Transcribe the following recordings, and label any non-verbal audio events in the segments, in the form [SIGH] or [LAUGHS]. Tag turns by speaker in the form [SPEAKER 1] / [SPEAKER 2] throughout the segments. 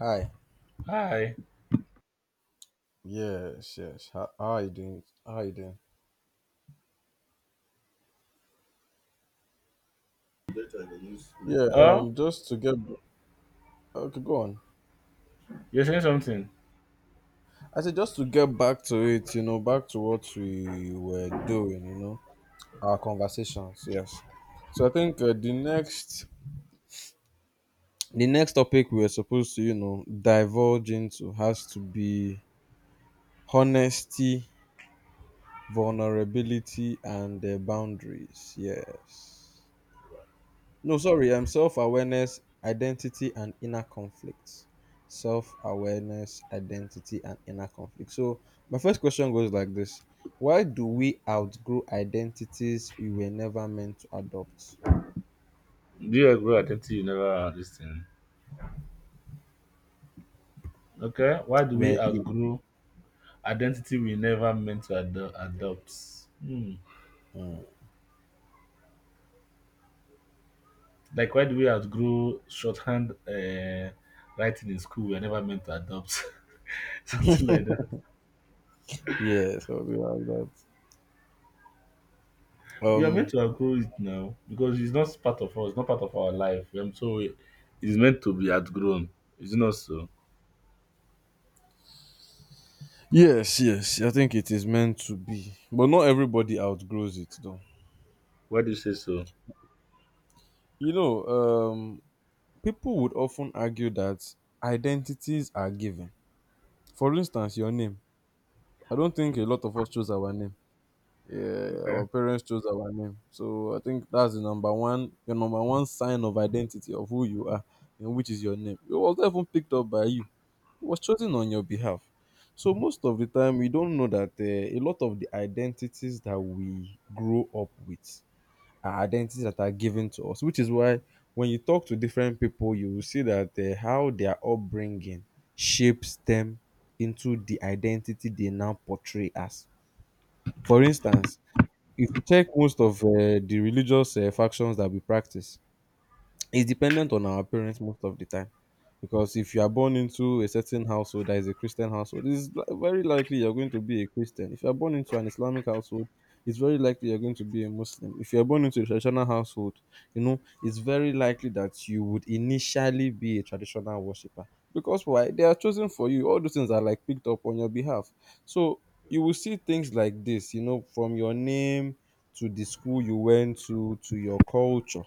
[SPEAKER 1] Hi.
[SPEAKER 2] Hi.
[SPEAKER 1] Yes, yes. How are you doing? How are you doing? Yeah,
[SPEAKER 2] Oh,
[SPEAKER 1] um just to get okay, go on.
[SPEAKER 2] you're saying something.
[SPEAKER 1] I said just to get back to it, you know, back to what we were doing, you know, our conversations, yes. So I think the next topic we are supposed to, divulge into has to be honesty, vulnerability and boundaries. Yes. No, sorry. Self awareness, identity, and inner conflict. Self awareness, identity, and inner conflict. So, my first question goes like this. Why do we outgrow identities we were never meant to adopt?
[SPEAKER 2] Do you outgrow identity you never understand? Okay. Why do we
[SPEAKER 1] When you,
[SPEAKER 2] outgrow identity we never meant to adopt? Hmm. Like, why do we outgrow shorthand writing in school we are never meant to adopt? [LAUGHS] something like that.
[SPEAKER 1] yeah, something like that.
[SPEAKER 2] We are meant
[SPEAKER 1] Um,
[SPEAKER 2] to outgrow it now because it's not part of us, not part of our life. So it's meant to be outgrown. Is it not so?
[SPEAKER 1] yes, yes, I think it is meant to be, but not everybody outgrows it though.
[SPEAKER 2] Why do you say so?
[SPEAKER 1] You know, people would often argue that identities are given. For instance, your name. I don't think a lot of us chose our name. Yeah,
[SPEAKER 2] Okay.
[SPEAKER 1] our parents chose our name. So I think that's the number one, your number one sign of identity of who you are, and which is your name. It was not even picked up by you. It was chosen on your behalf. So most of the time, we don't know that a lot of the identities that we grow up with are identities that are given to us, which is why when you talk to different people, you will see that how their upbringing shapes them into the identity they now portray as. For instance, if you check most of di religious factions that we practice, it's dependent on our parents most of the time, because if you are born into a certain household that is a Christian household, very likely you're going to be a Christian. If you're born into an Islamic household, it's very likely you're going to be a Muslim. If you're born into a traditional household, you know, it's very likely that you would initially be a traditional worshiper, because why they are chosen for you, all those things are like picked up on your behalf. So you will see things like this, you know, from your name to the school you went to your culture.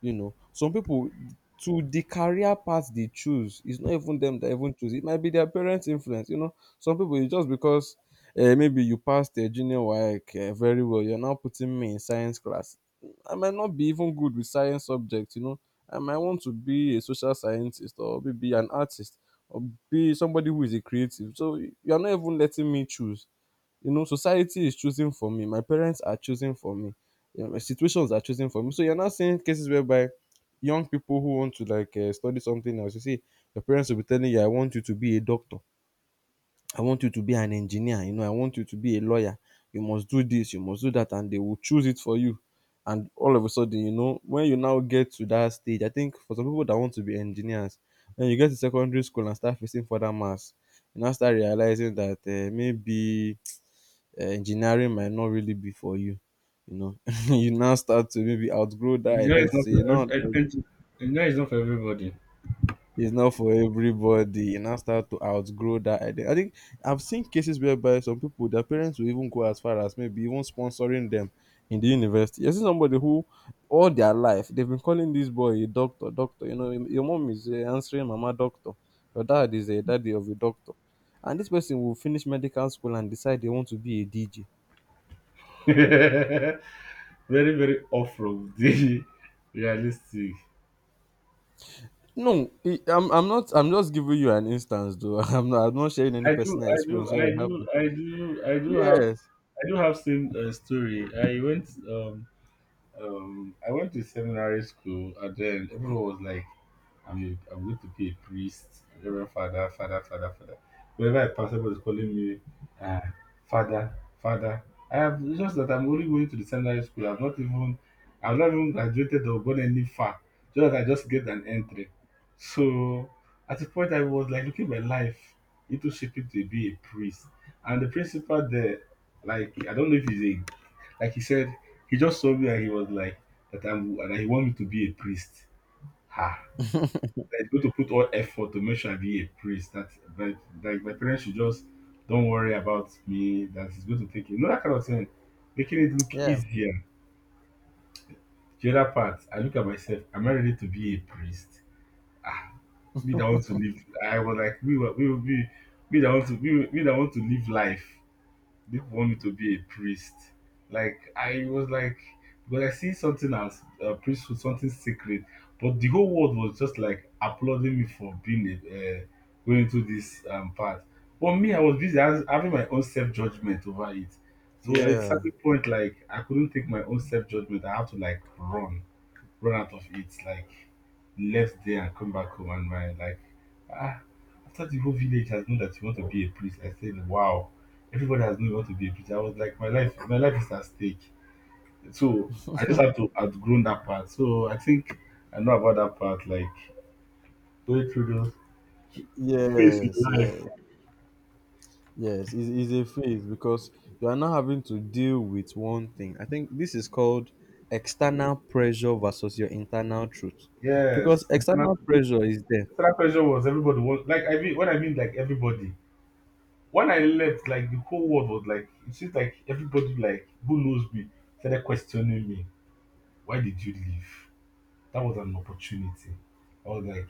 [SPEAKER 1] You know, some people, to the career path they choose, it's not even them that even choose. It might be their parents' influence. You know, some people it's just because maybe you passed your junior work very well. You're now putting me in science class. I might not be even good with science subjects. You know, I might want to be a social scientist or maybe an artist or be somebody who is a creative. So you're not even letting me choose. You know, society is choosing for me. My parents are choosing for me. You know, my situations are choosing for me. So you're not seeing cases whereby young people who want to like study something else, you see, your parents will be telling you, "I want you to be a doctor. I want you to be an engineer. You know, I want you to be a lawyer. You must do this. You must do that," and they will choose it for you. And all of a sudden, you know, when you now get to that stage, I think for some people that want to be engineers, when you get to secondary school and start facing further mass, you now start realizing that maybe engineering might not really be for you. You know, [LAUGHS] you now start to maybe outgrow that
[SPEAKER 2] Engineering is not
[SPEAKER 1] identity. You
[SPEAKER 2] for,
[SPEAKER 1] know, like,
[SPEAKER 2] engineering is not for everybody.
[SPEAKER 1] it's not for everybody. You now start to outgrow that identity. I think I've seen cases whereby some people, their parents will even go as far as maybe even sponsoring them in the university. I see somebody who all their life they've been calling this boy a doctor, doctor. You know, your mom is answering mama doctor. Your dad is a daddy of a doctor. And this person will finish medical school and decide they want to be a DJ.
[SPEAKER 2] [LAUGHS] very very off from the [LAUGHS] realistic.
[SPEAKER 1] No, it, I'm not. I'm just giving you an instance, though. [LAUGHS] I'm not. I'm not sharing any
[SPEAKER 2] I do,
[SPEAKER 1] personal
[SPEAKER 2] I do,
[SPEAKER 1] experience where
[SPEAKER 2] I
[SPEAKER 1] it
[SPEAKER 2] do,
[SPEAKER 1] happened.
[SPEAKER 2] I do,
[SPEAKER 1] Yes.
[SPEAKER 2] I do have same story. Um I went to seminary school, and then everyone was like, "I'm a, I'm going to be a priest, reverend father, father, father, father." Whenever I pass, everybody's calling me, uh, father, father. I have it's just that I'm only going to the seminary school. I've not even graduated or gone any far. Just that I just get an entry. So at the point, I was like looking at my life into shaping to be a priest, and the principal there, like I don't know if he's a like he said, he just saw me and he was like, that I'm, and he wanted me to be a priest. Ha! That he's going to put all effort to make sure I be a priest. That, like my parents should just don't worry about me. That is going to take it. You know, that kind of thing. Making it look
[SPEAKER 1] Yeah.
[SPEAKER 2] easier. The other part, I look at myself, am I ready to be a priest? Me that want to live, I was like, we were, we will be, me that want to, me that want to live life. People want me to be a priest. Like I was like, because I see something as a priesthood, something sacred, but the whole world was just like applauding me for being a, going into this path. But me, I was busy having my own self judgment over it. So at a
[SPEAKER 1] Yeah.
[SPEAKER 2] certain point, like I couldn't take my own self judgment. I had to like run out of it. Like left there and come back home and my like ah after the whole village has known that you want to be a priest, I said, wow, everybody has known you want to be a priest. I was like my life is at stake. So I just have to outgrown that part. So I think I know about that part, like going through those phase in
[SPEAKER 1] Yes.
[SPEAKER 2] life.
[SPEAKER 1] Yes. Yes. It's a phase because you are now having to deal with one thing. I think this is called external pressure versus your internal truth, because
[SPEAKER 2] Yes.
[SPEAKER 1] external pressure is there.
[SPEAKER 2] Internal pressure was everybody was like I mean when I mean like everybody. When I left, like the whole world was like it seems like everybody like who knows me started questioning me why did you leave, that was an opportunity. I was like,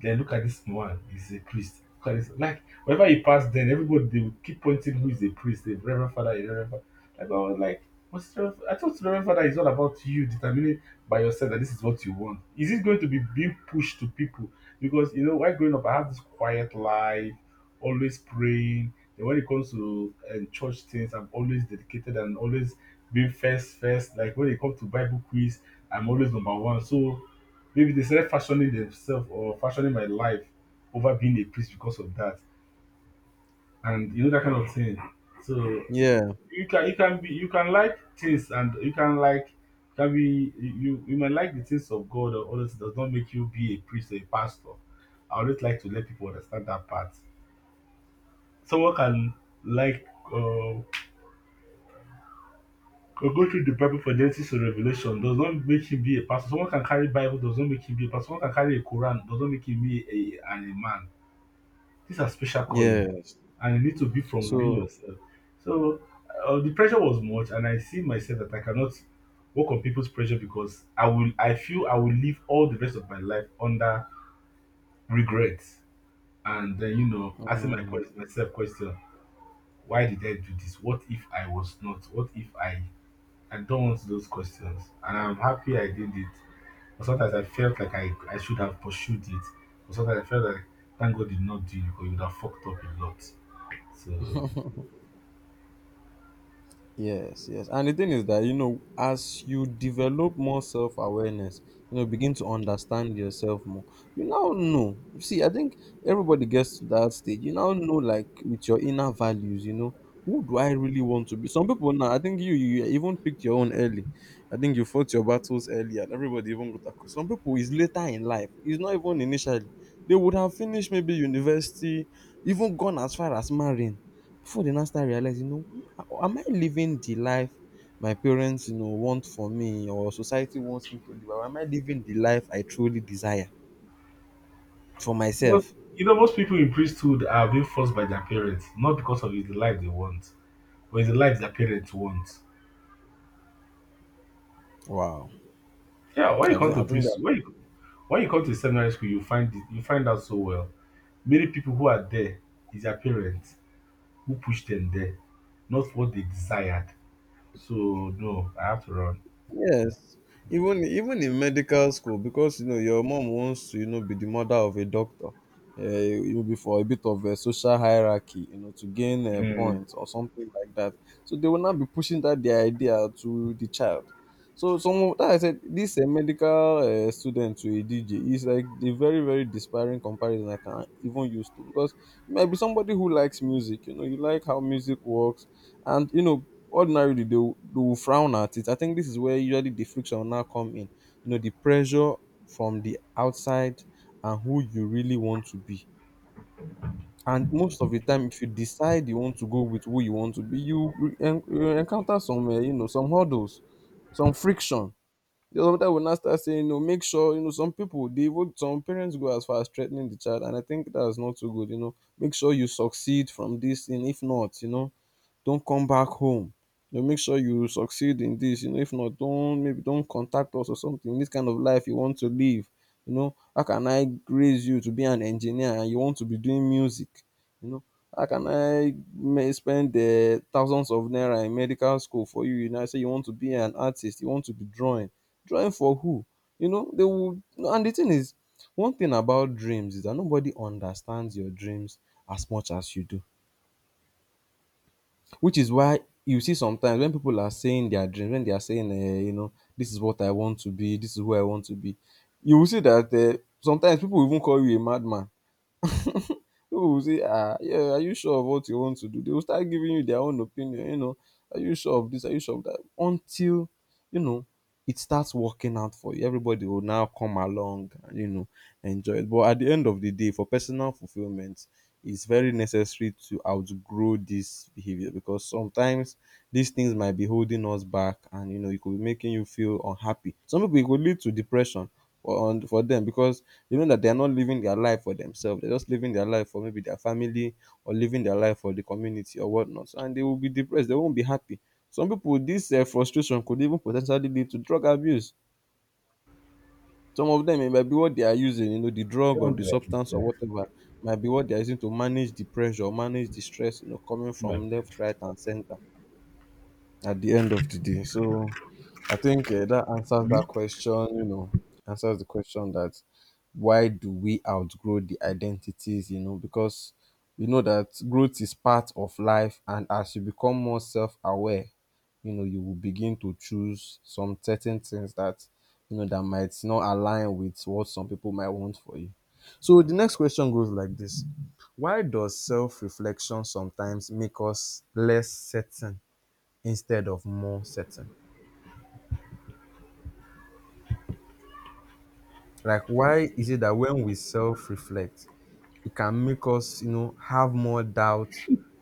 [SPEAKER 2] then look at this one. He's a priest. Look at this. Like, whenever he passed, then everybody they would keep pointing who is a priest, the Reverend Father, the Reverend Father. Like, I was like, what's the Reverend- I thought the Reverend Father is all about you determining by yourself that this is what you want. Is it going to be being pushed to people? Because, you know, while growing up, I had this quiet life, always praying. Then when it comes to church things, I'm always dedicated and always being first, first. Like, when it comes to Bible quiz, I'm always number one. So, maybe they started fashioning themselves or fashioning my life over being a priest because of that, and you know that kind of thing. So
[SPEAKER 1] Yeah.
[SPEAKER 2] you can be you can like things and you can like can be you you might like the things of God or others does not make you be a priest or a pastor. I always like to let people understand that part. Someone can like go through the Bible for Genesis to Revelation does not make him be a pastor. Someone can carry Bible does not make him be a pastor. Someone can carry a Quran does not make him be a, an imam. These are special calling,
[SPEAKER 1] Yes.
[SPEAKER 2] and you need to be from within
[SPEAKER 1] So.
[SPEAKER 2] yourself. So the pressure was much, and I see myself that I cannot work on people's pressure because I will. I feel I will live all the rest of my life under regret, and then you know asking my
[SPEAKER 1] um,
[SPEAKER 2] question, myself question, why did I do this? What if I was not? What if I? I don't want those questions, and I'm happy I did it. But sometimes I felt like I should have pursued it. But sometimes I felt like thank God did not do it because it would have fucked up a lot. So
[SPEAKER 1] Yes, yes. And the thing is that, you know, as you develop more self awareness, you know, begin to understand yourself more, you now know. See, I think everybody gets to that stage. You now know, like, with your inner values, you know, who do I really want to be? Some people now, I think you even picked your own early. I think you fought your battles early, and everybody even got across. Some people is later in life, it's not even initially. They would have finished maybe university, even gone as far as marrying before they now start realizing, you know, "Wow, am I living the life my parents, you know, want for me, or society wants me to live? Or am I living the life I truly desire for
[SPEAKER 2] most,
[SPEAKER 1] myself?
[SPEAKER 2] you know, most people in priesthood are being forced by their parents, not because of it's the life they want, but it's the life their parents want.
[SPEAKER 1] Wow.
[SPEAKER 2] Yeah, when
[SPEAKER 1] I
[SPEAKER 2] you
[SPEAKER 1] think
[SPEAKER 2] come
[SPEAKER 1] I
[SPEAKER 2] to
[SPEAKER 1] think that
[SPEAKER 2] priesthood, when you come to seminary school, you find out so well. Many people who are there is their parents who pushed them there, not what they desired. So no, I have to run.
[SPEAKER 1] yes, even in medical school, because you know your mom wants to, you know, be the mother of a doctor. It will be for a bit of a social hierarchy, you know, to gain points or something like that. So they will not be pushing that their idea to the child. So some of that I said this medical student to a DJ is like the very despairing comparison I can even use to, because you might be somebody who likes music, you know, you like how music works, and you know ordinarily they will frown at it. I think this is where usually the friction will now come in. You know, the pressure from the outside and who you really want to be. And most of the time, if you decide you want to go with who you want to be, you, you encounter some, you know, some hurdles, some friction. The other will now start saying, you know, make sure, you know, some people, they would, some parents go as far as threatening the child. And I think that's not too good, you know. Make sure you succeed from this. And if not, you know, don't come back home. You know, make sure you succeed in this. You know, if not, don't maybe don't contact us or something. This kind of life you want to live. You know, how can I raise you to be an engineer and you want to be doing music? You know, how can I may spend the thousands of naira in medical school for you? You know, I say you want to be an artist, you want to be drawing. Drawing for who? You know, they will. And the thing is, one thing about dreams is that nobody understands your dreams as much as you do. Which is why you see sometimes when people are saying their dreams, when they are saying, you know, this is what I want to be, this is who I want to be, you will see that sometimes people will even call you a madman. People will say, ah, yeah, are you sure of what you want to do? They will start giving you their own opinion, you know, are you sure of this? Are you sure of that? Until, you know, it starts working out for you. Everybody will now come along and, you know, enjoy it. But at the end of the day, for personal fulfillment, it's very necessary to outgrow this behavior, because sometimes these things might be holding us back, and you know it could be making you feel unhappy. Some people it could lead to depression for them, because you know that they are not living their life for themselves. They're just living their life for maybe their family or living their life for the community or whatnot. And they will be depressed. They won't be happy. Some people, this frustration could even potentially lead to drug abuse. Some of them, it might be what they are using, you know, the drug
[SPEAKER 2] They
[SPEAKER 1] or
[SPEAKER 2] don't
[SPEAKER 1] the
[SPEAKER 2] be like
[SPEAKER 1] substance or
[SPEAKER 2] this. Eh.
[SPEAKER 1] whatever, might be what they are using to manage the pressure, manage the stress, you know, coming
[SPEAKER 2] But
[SPEAKER 1] from left, right, and center. At the end of the day. So I think that answers that question, you know, answers the question that why do we outgrow the identities, you know, because we know that growth is part of life. And as you become more self aware, you know, you will begin to choose some certain things that, you know, that might not align with what some people might want for you. So the next question goes like this. Why does self reflection sometimes make us less certain instead of more certain? Like, why is it that when we self reflect, it can make us, have more doubt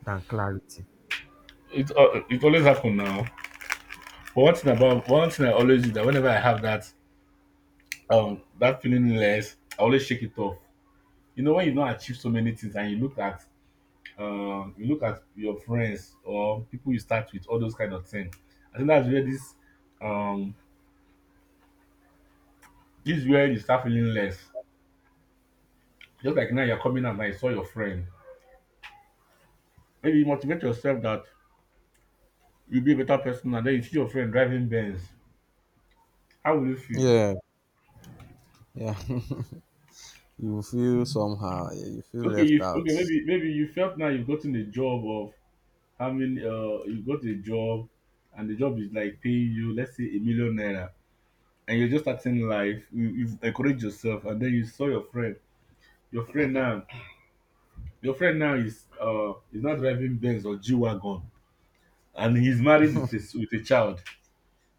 [SPEAKER 1] than clarity?
[SPEAKER 2] it always happen now. But one thing about one thing I always do that whenever I have that that feeling less, I always shake it off. You know, when you don't achieve so many things and you look at your friends or people you start with, all those kind of things. I think that's where this um this is where you start feeling less. Just like now you're coming out and you saw your friend. Maybe you motivate yourself that you'll be a better person and then you see your friend driving Benz. How will you feel?
[SPEAKER 1] Yeah, yeah. [LAUGHS] You feel somehow. Yeah, you feel
[SPEAKER 2] Okay,
[SPEAKER 1] left
[SPEAKER 2] you
[SPEAKER 1] out.
[SPEAKER 2] okay, maybe maybe you felt now you've gotten a job of having you got a job and the job is like paying you let's say a million naira and you're just starting life, you, you've encouraged yourself, and then you saw your friend. Your friend now, your friend now is not driving Benz or G wagon, and he's married with a child.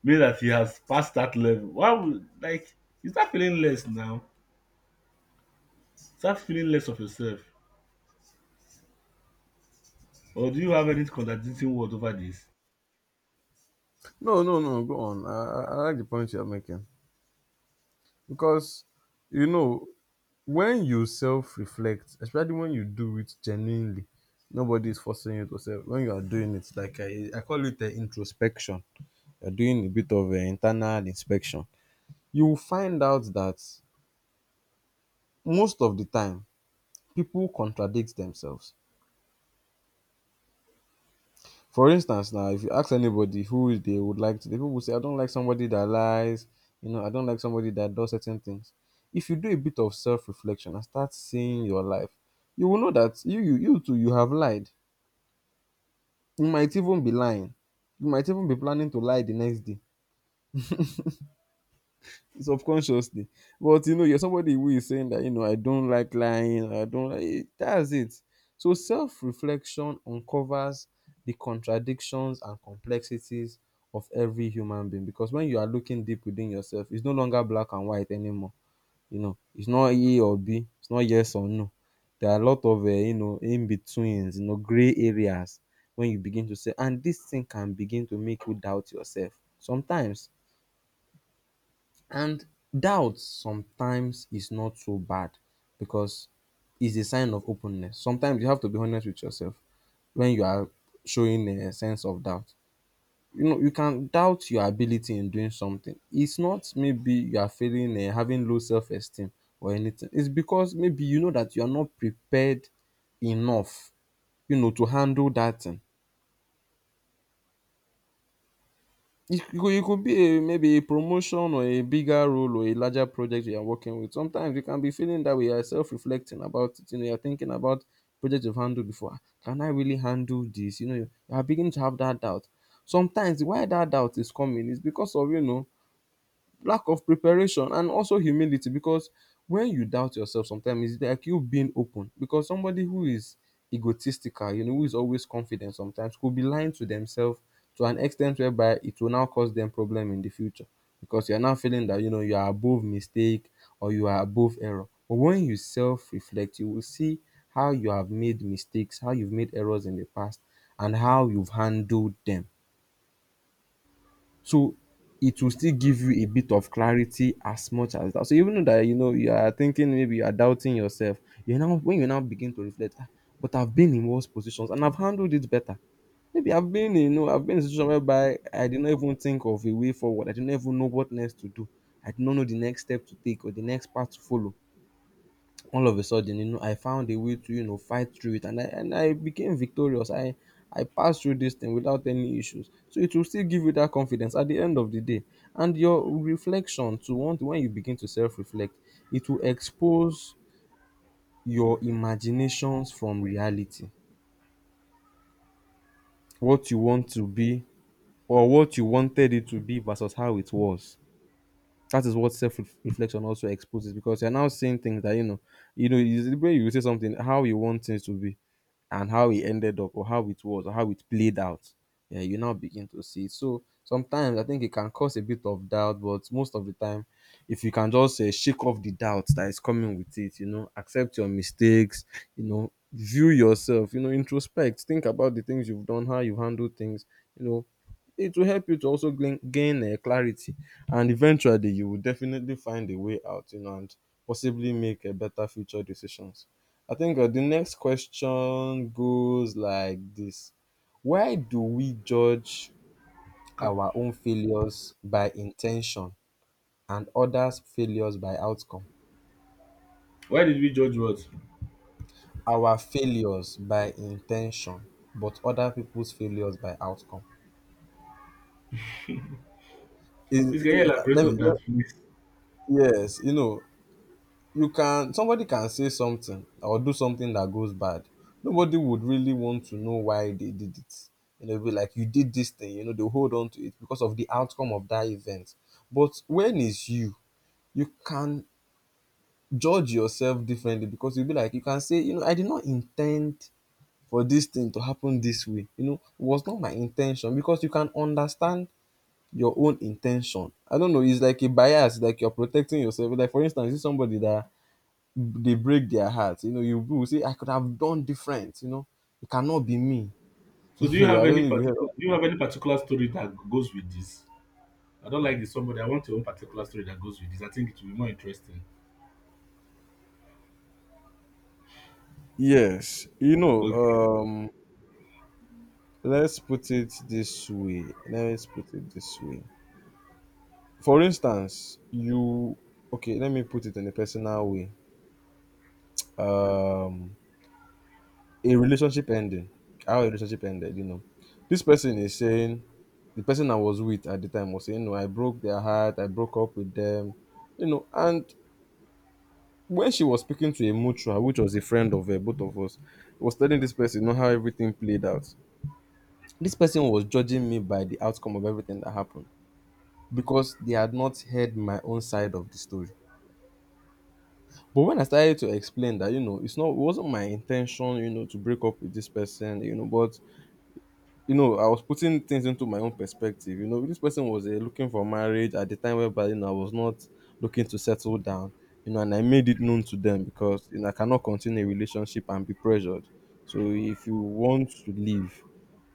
[SPEAKER 2] Means that he has passed that level. Why would like you start feeling less now? Start feeling less of yourself, or do you have any contradicting word over this?
[SPEAKER 1] No, no, no, go on. I like the point you're making because, you know, when you self reflect, especially when you do it genuinely, nobody is forcing you to self. When you are doing it, like I call it the introspection, you're doing a bit of an internal inspection. You'll find out that most of the time people contradict themselves. For instance, now if you ask anybody who they would like to, the people will say, I don't like somebody that lies, you know, I don't like somebody that does certain things. If you do a bit of self-reflection and start seeing your life, you will know that you too you have lied. You might even be lying. You might even be planning to lie the next day, subconsciously. But you know, you're somebody who is saying that, you know, I don't like lying, I don't like that's it. So self-reflection uncovers the contradictions and complexities of every human being, because when you are looking deep within yourself, it's no longer black and white anymore. You know, it's not A or B, it's not yes or no. There are a lot of you know, in betweens, you know, gray areas when you begin to say, and this thing can begin to make you doubt yourself sometimes. And doubt sometimes is not so bad, because it's a sign of openness. Sometimes you have to be honest with yourself when you are showing a sense of doubt. You know, you can doubt your ability in doing something. It's not maybe you are feeling having low self esteem or anything. It's because maybe you know that you are not prepared enough, you know, to handle that thing. It could be a, maybe a promotion or a bigger role or a larger project you are working with. Sometimes you can be feeling that we are self-reflecting about it. You know, you're thinking about projects you've handled before. "Ah, can I really handle this?" You know, you are beginning to have that doubt. Sometimes why that doubt is coming is because of, you know, lack of preparation and also humility, because when you doubt yourself sometimes it's like you being open, because somebody who is egotistical, you know, who is always confident sometimes could be lying to themselves to an extent whereby it will now cause them problem in the future, because you're now feeling that you know you are above mistake or you are above error. But when you self-reflect, you will see how you have made mistakes, how you've made errors in the past and how you've handled them. So it will still give you a bit of clarity as much as that. So even though that you know you are thinking maybe you are doubting yourself, you now when you now begin to reflect, "Ah, but I've been in worse positions and I've handled it better. Maybe I've been in, you know, I've been in a situation whereby I did not even think of a way forward. I did not even know what next to do. I did not know the next step to take or the next path to follow. All of a sudden, you know, I found a way to, you know, fight through it, and I became victorious. I passed through this thing without any issues." So it will still give you that confidence at the end of the day. And your reflection to want when you begin to self-reflect, it will expose your imaginations from reality. What you want to be or what you wanted it to be versus how it was. That is what self reflection also exposes, because you're now seeing things that you know, is the way you say something, how you want things to be, and how it ended up, or how it was, or how it played out. Yeah, you now begin to see. So sometimes I think it can cause a bit of doubt, but most of the time, if you can just shake off the doubt that is coming with it, you know, accept your mistakes, you know, view yourself, you know, introspect, think about the things you've done, how you handle things, you know, it will help you to also gain clarity, and eventually you will definitely find a way out, you know, and possibly make a better future decisions. I think the next question goes like this. Why do we judge
[SPEAKER 2] Cap-
[SPEAKER 1] our own failures by intention and others failures by outcome,
[SPEAKER 2] why did we judge words?
[SPEAKER 1] our failures by intention but other people's failures by outcome? is,
[SPEAKER 2] Please can you
[SPEAKER 1] is
[SPEAKER 2] elaborate
[SPEAKER 1] let me
[SPEAKER 2] on
[SPEAKER 1] let-
[SPEAKER 2] that, please?
[SPEAKER 1] yes, you know, you can somebody can say something or do something that goes bad. Nobody would really want to know why they did it. You know, it'll be like you did this thing, you know, they'll hold on to it because of the outcome of that event. But when it's you, you can judge yourself differently, because you'll be like, you can say, you know, I did not intend for this thing to happen this way. You know, it was not my intention, because you can understand your own intention. I don't know, it's like a bias, like you're protecting yourself. Like for instance, is somebody that they break their hearts. You know, you will say, I could have done different, you know. It cannot be me. [LAUGHS]
[SPEAKER 2] So do you
[SPEAKER 1] Yeah, I
[SPEAKER 2] have
[SPEAKER 1] don't
[SPEAKER 2] any
[SPEAKER 1] know if you heard of.
[SPEAKER 2] particular story that goes with this? I don't like this somebody. I want your own particular story that goes with this. I think it will be more interesting.
[SPEAKER 1] Yes. You know,
[SPEAKER 2] Okay.
[SPEAKER 1] let's put it this way. Let's put it this way. For instance, you okay, let me put it in a personal way. Um a relationship ending. How a relationship ended, you know. This person is saying the person I was with at the time was saying, "No, I broke their heart, I broke up with them," you know, and when she was speaking to a mutual, which was a friend of both of us, was telling this person, you know, how everything played out. This person was judging me by the outcome of everything that happened, because they had not heard my own side of the story. But when I started to explain that, you know, it's not, it wasn't my intention, you know, to break up with this person, you know, but you know, I was putting things into my own perspective. You know, this person was looking for marriage at the time, whereby you know, I was not looking to settle down. You know, and I made it known to them, because you know, I cannot continue a relationship and be pressured. So if you want to leave,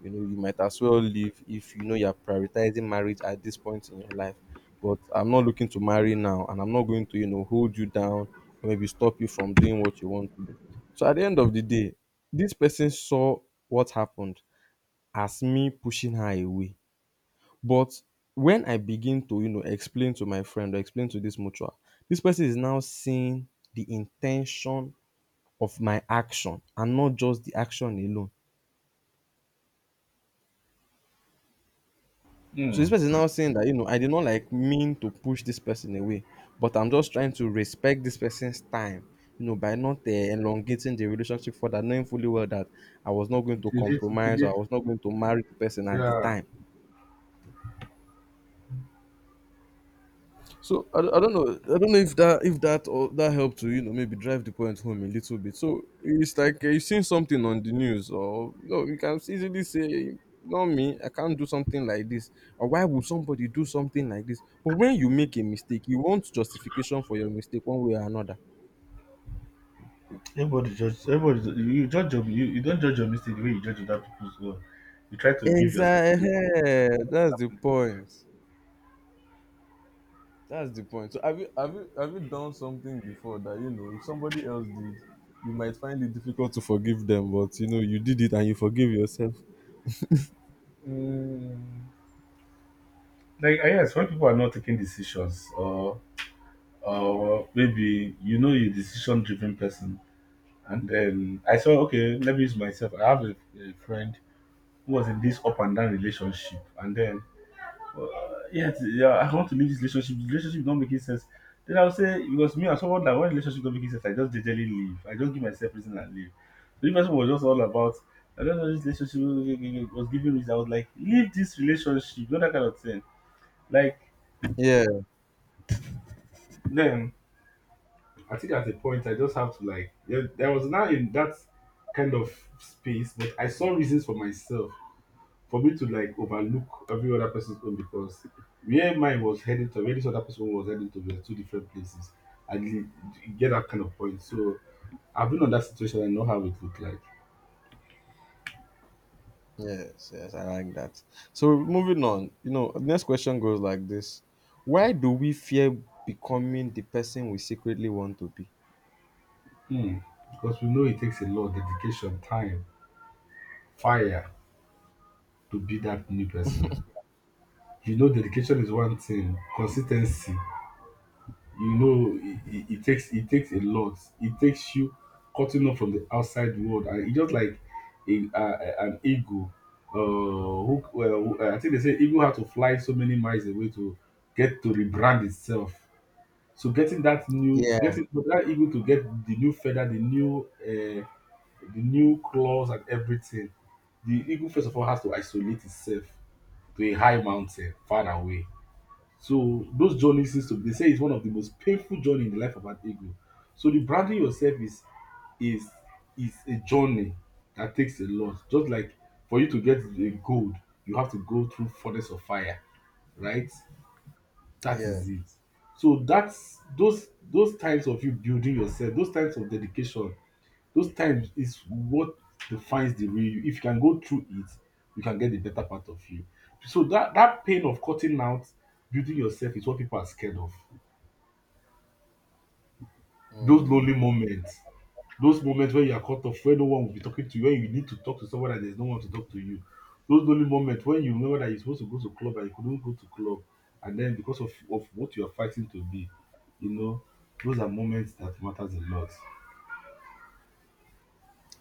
[SPEAKER 1] you know, you might as well leave if you know you're prioritizing marriage at this point in your life. But I'm not looking to marry now, and I'm not going to, you know, hold you down or maybe stop you from doing what you want to do. So at the end of the day, this person saw what happened as me pushing her away. But when I begin to, you know, explain to my friend or explain to this mutual, this person is now seeing the intention of my action and not just the action alone. So this
[SPEAKER 2] Hmm.
[SPEAKER 1] person is now saying that, you know, I did not like mean to push this person away, but I'm just trying to respect this person's time, you know, by not elongating the relationship further, knowing fully well that I was not going to
[SPEAKER 2] It will lead, it will
[SPEAKER 1] compromise or
[SPEAKER 2] lead,
[SPEAKER 1] I was not going to marry the person at the
[SPEAKER 2] yeah.
[SPEAKER 1] time. So I don't know, I don't know if that or that helped to you know maybe drive the point home a little bit. So it's like you've seen something on the news or you know you can easily say, "Not me, I can't do something like this," or, "Why would somebody do something like this?" But when you make a mistake, you want justification for your mistake one way or another.
[SPEAKER 2] Everybody judge. You judge your, you don't judge your mistake the way you judge other people's own. You try to give yourself
[SPEAKER 1] Exactly.
[SPEAKER 2] credit. Not that
[SPEAKER 1] That's the
[SPEAKER 2] happened everywhere.
[SPEAKER 1] point. That's the point. So have you done something before that you know if somebody else did, you might find it difficult to forgive them, but you know you did it and you forgive yourself?
[SPEAKER 2] Mm. Like ah, yes, when people are not taking decisions, or maybe you know you're decision-driven person, and then I saw okay, let me use myself. I have a friend who was in this up and down relationship, and then yes, yeah, I want to leave this relationship. The relationship is not making sense. Then I'll say because me, I'm someone that when relationship not making sense, I just generally leave. I don't give myself reason and leave. So if person was just all about, I don't know this relationship was giving reason. I was like, leave this relationship, you know that kind of thing. Like
[SPEAKER 1] Yeah,
[SPEAKER 2] then, I think at a point I just have to like. Yeah, I was now in that kind of space, but I saw reasons for myself for me to like overlook every other person's own because where mine was heading to, where this other person was heading to, were two different places. I didn't you get that kind of point. So I've been on that situation. I know how it looked like.
[SPEAKER 1] yes, yes, I like that. So moving on, you know, next question goes like this. Why do we fear becoming the person we secretly want to be?
[SPEAKER 2] Hmm. Because we know it takes a lot of dedication, time, fire to be that new person. You know, dedication is one thing, consistency. You know, it takes a lot. It takes you cutting off from the outside world, and it's just like an eagle. Who, well, who- I think they say eagle had to fly so many miles away to get to rebrand itself. So getting that new,
[SPEAKER 1] Yeah,
[SPEAKER 2] getting for that eagle to get the new feather, the new claws and everything. The eagle first of all has to isolate itself to a high mountain far away, so those journeys seems to they say it's one of the most painful journey in the life of an ego. So the branding yourself is is is a journey that takes a lot. Just like for you to get a gold, you have to go through furnace of fire, right? That
[SPEAKER 1] yeah.
[SPEAKER 2] is it. So that's those times of you building yourself, those times of dedication, those times is what defines the real you. If you can go through it, you can get the better part of you. So that pain of cutting out, building yourself is what people are scared of. Those lonely moments, those moments where you are cut off, where no one will be talking to you, when you need to talk to someone and there's no one to talk to you. Those lonely moments when you remember that you're supposed to go to club and you couldn't go to club, and then because of what you are fighting to be, you know, those are moments that matters a lot.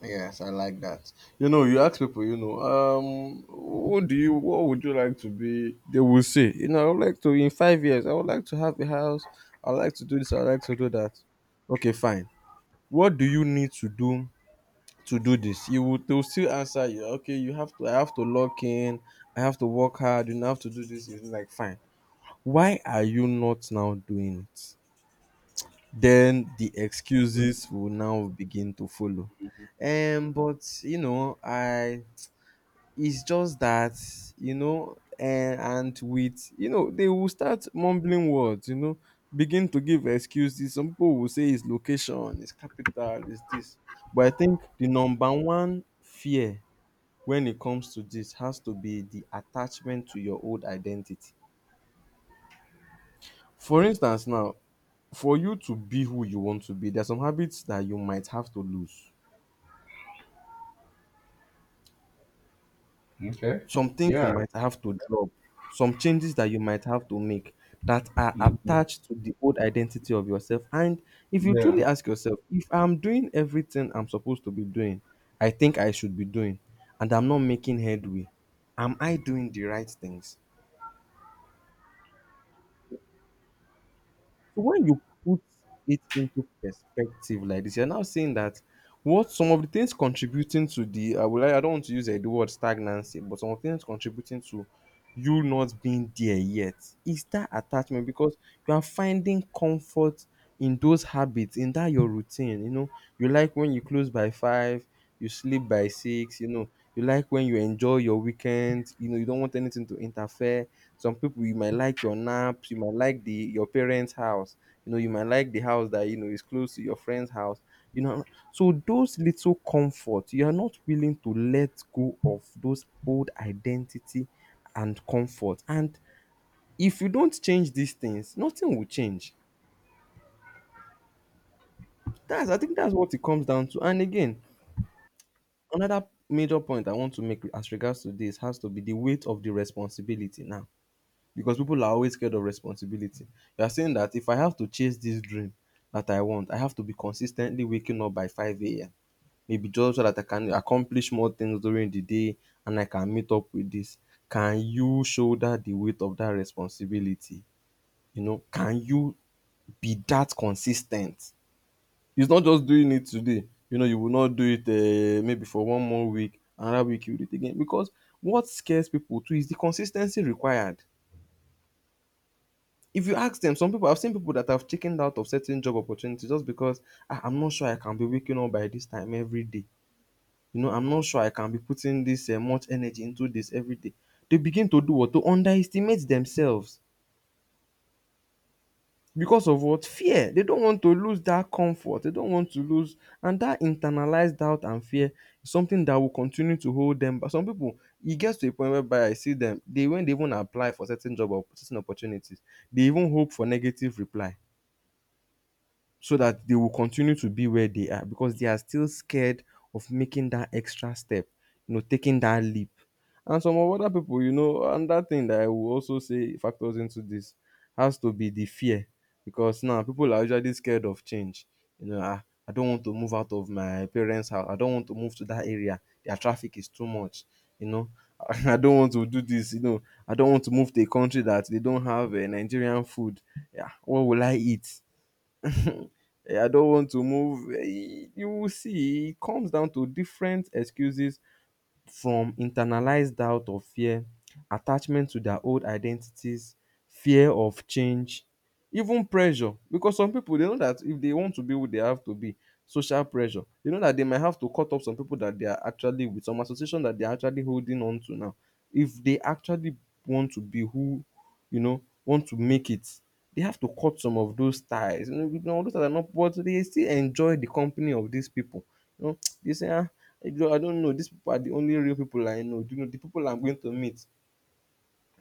[SPEAKER 1] Yes, I like that. You know, you ask people, you know, what do you, what would you like to be? They will say, you know, I would like to in 5 years. I would like to have a house. I would like to do this. I would like to do that. Okay, fine. What do you need to do this? You will, they will still answer you. Okay, you have to. I have to log in. I have to work hard. You know, I have to do this. It's like fine. Why are you not now doing it? Then the excuses will now begin to follow. But you know, I it's just that you know, and with you know, they will start mumbling words. You know, begin to give excuses. Some people will say it's location, it's capital, it's this. But I think the number one fear when it comes to this has to be the attachment to your old identity. For instance, now for you to be who you want to be, there are some habits that you might have to lose,
[SPEAKER 2] Okay.
[SPEAKER 1] some things you
[SPEAKER 2] Yeah.
[SPEAKER 1] might have to drop, some changes that you might have to make that are
[SPEAKER 2] Mm,
[SPEAKER 1] attached to the old identity of yourself. And if you
[SPEAKER 2] yeah.
[SPEAKER 1] truly ask yourself, if I'm doing everything I'm supposed to be doing, I think I should be doing, and I'm not making headway, am I doing the right things? So when you put it into perspective like this, you're now seeing that what some of the things contributing to the I will I don't want to use the word stagnancy, but some of the things contributing to you not being there yet. It's that attachment because you are finding comfort in those habits, in that your routine. You know, you like when you close by five, you sleep by six, you know, you like when you enjoy your weekend, you know, you don't want anything to interfere. Some people you might like your naps, you might like the your parents' house, you know, you might like the house that you know is close to your friend's house. You know, so those little comfort, you are not willing to let go of those old identity and comfort. And if you don't change these things, nothing will change. That's I think that's what it comes down to. And again, another major point I want to make as regards to this has to be the weight of the responsibility now. Because people are always scared of responsibility. You are saying that if I have to chase this dream that I want, I have to be consistently waking up by 5 a.m. Maybe just so that I can accomplish more things during the day and I can meet up with this. Can you shoulder the weight of that responsibility? You know, can you be that consis ten t. It's not just doing it today. You know, you will not do it maybe for one more week, another week you do it again because what scares people too is the consis ten cy required. If you ask dem some people I've seen people that have chickened out of certain job opportunity just because, "Ah, I'm not sure I can be waking up by this time everyday. You know, I'm not sure I can be putting this much energy into this everyday." They begin to do what? To underestimate themselves. Because of what? Fear. They don't want to lose that comfort. They don't want to lose. And that internalized doubt and fear is something that will continue to hold them. But some people, it gets to a point whereby I see them, they when they even apply for certain job or certain opportunities, they even hope for negative reply so that they will continue to be where they are because they are still scared of making that extra step, you know, taking that leap. And some of other people, you know, another thing that I will also say factors into this has to be the fear because now people are usually scared of change. You know, I don't want to move out of my parents' house. I don't want to move to that area. Their traffic is too much. You know, [LAUGHS] I don't want to do this. You know, I don't want to move to a country that they don't have Nigerian food. Yeah, what will I eat? I don't want to move. You will see, it comes down to different excuses from internalized doubt or fear, attachment to their old identities, fear of change, even pressure. Because some people they know that if they want to be who they have to be, social pressure, they know that they might have to cut off some people that they are actually with, some association that they are actually holding on to now. If they actually want to be who you know want to make it, they have to cut some of those ties. You know those that are not but they still enjoy the company of these people. You know, [TSK] they say, ah, I don't know. These people are the only real people I know. You know, the people I'm going to meet.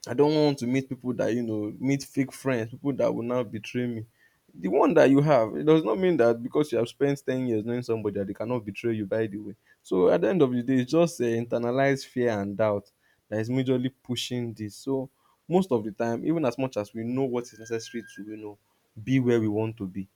[SPEAKER 1] I don't want to meet people that, you know, meet fake friends, people that will now betray me. The one that you have, it does not mean that because you have spent 10 years knowing somebody that they cannot betray you, by the way. So at the end of the day, it's just internalized fear and doubt that is majorly pushing this. So most of the time, even as much as we know what is necessary to, you know, be where we want to be,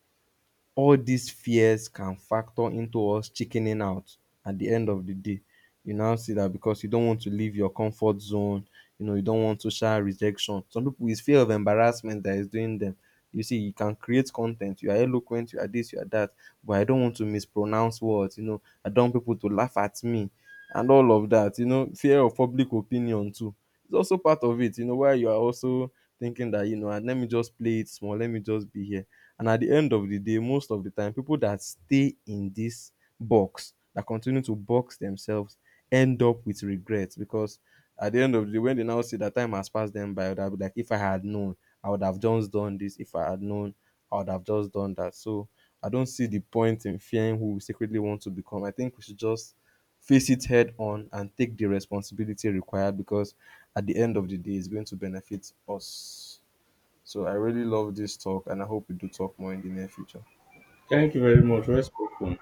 [SPEAKER 1] all these fears can factor into us chickening out at the end of the day. You now see that because you don't want to leave your comfort zone, you know, you don't want social rejection. Some people it's fear of embarrassment that is doing them. You see, you can create content. You are eloquent. You are this. You are that. But I don't want to mispronounce words. You know, I don't want people to laugh at me, and all of that. You know, fear of public opinion too. It's also part of it. You know, where you are also thinking that you know, and let me just play it small. Let me just be here. And at the end of the day, most of the time, people that stay in this box that continue to box themselves end up with regrets because at the end of the day, when they now see that time has passed them by, I would have like, if I had known, I would have just done this. If I had known, I would have just done that. So I don't see the point in fearing who we secretly want to become. I think we should just face it head on and take the responsibility required because at the end of the day, it's going to benefit us. So I really love this talk and I hope we do talk more in the near future.
[SPEAKER 2] Thank you very much. Respectful.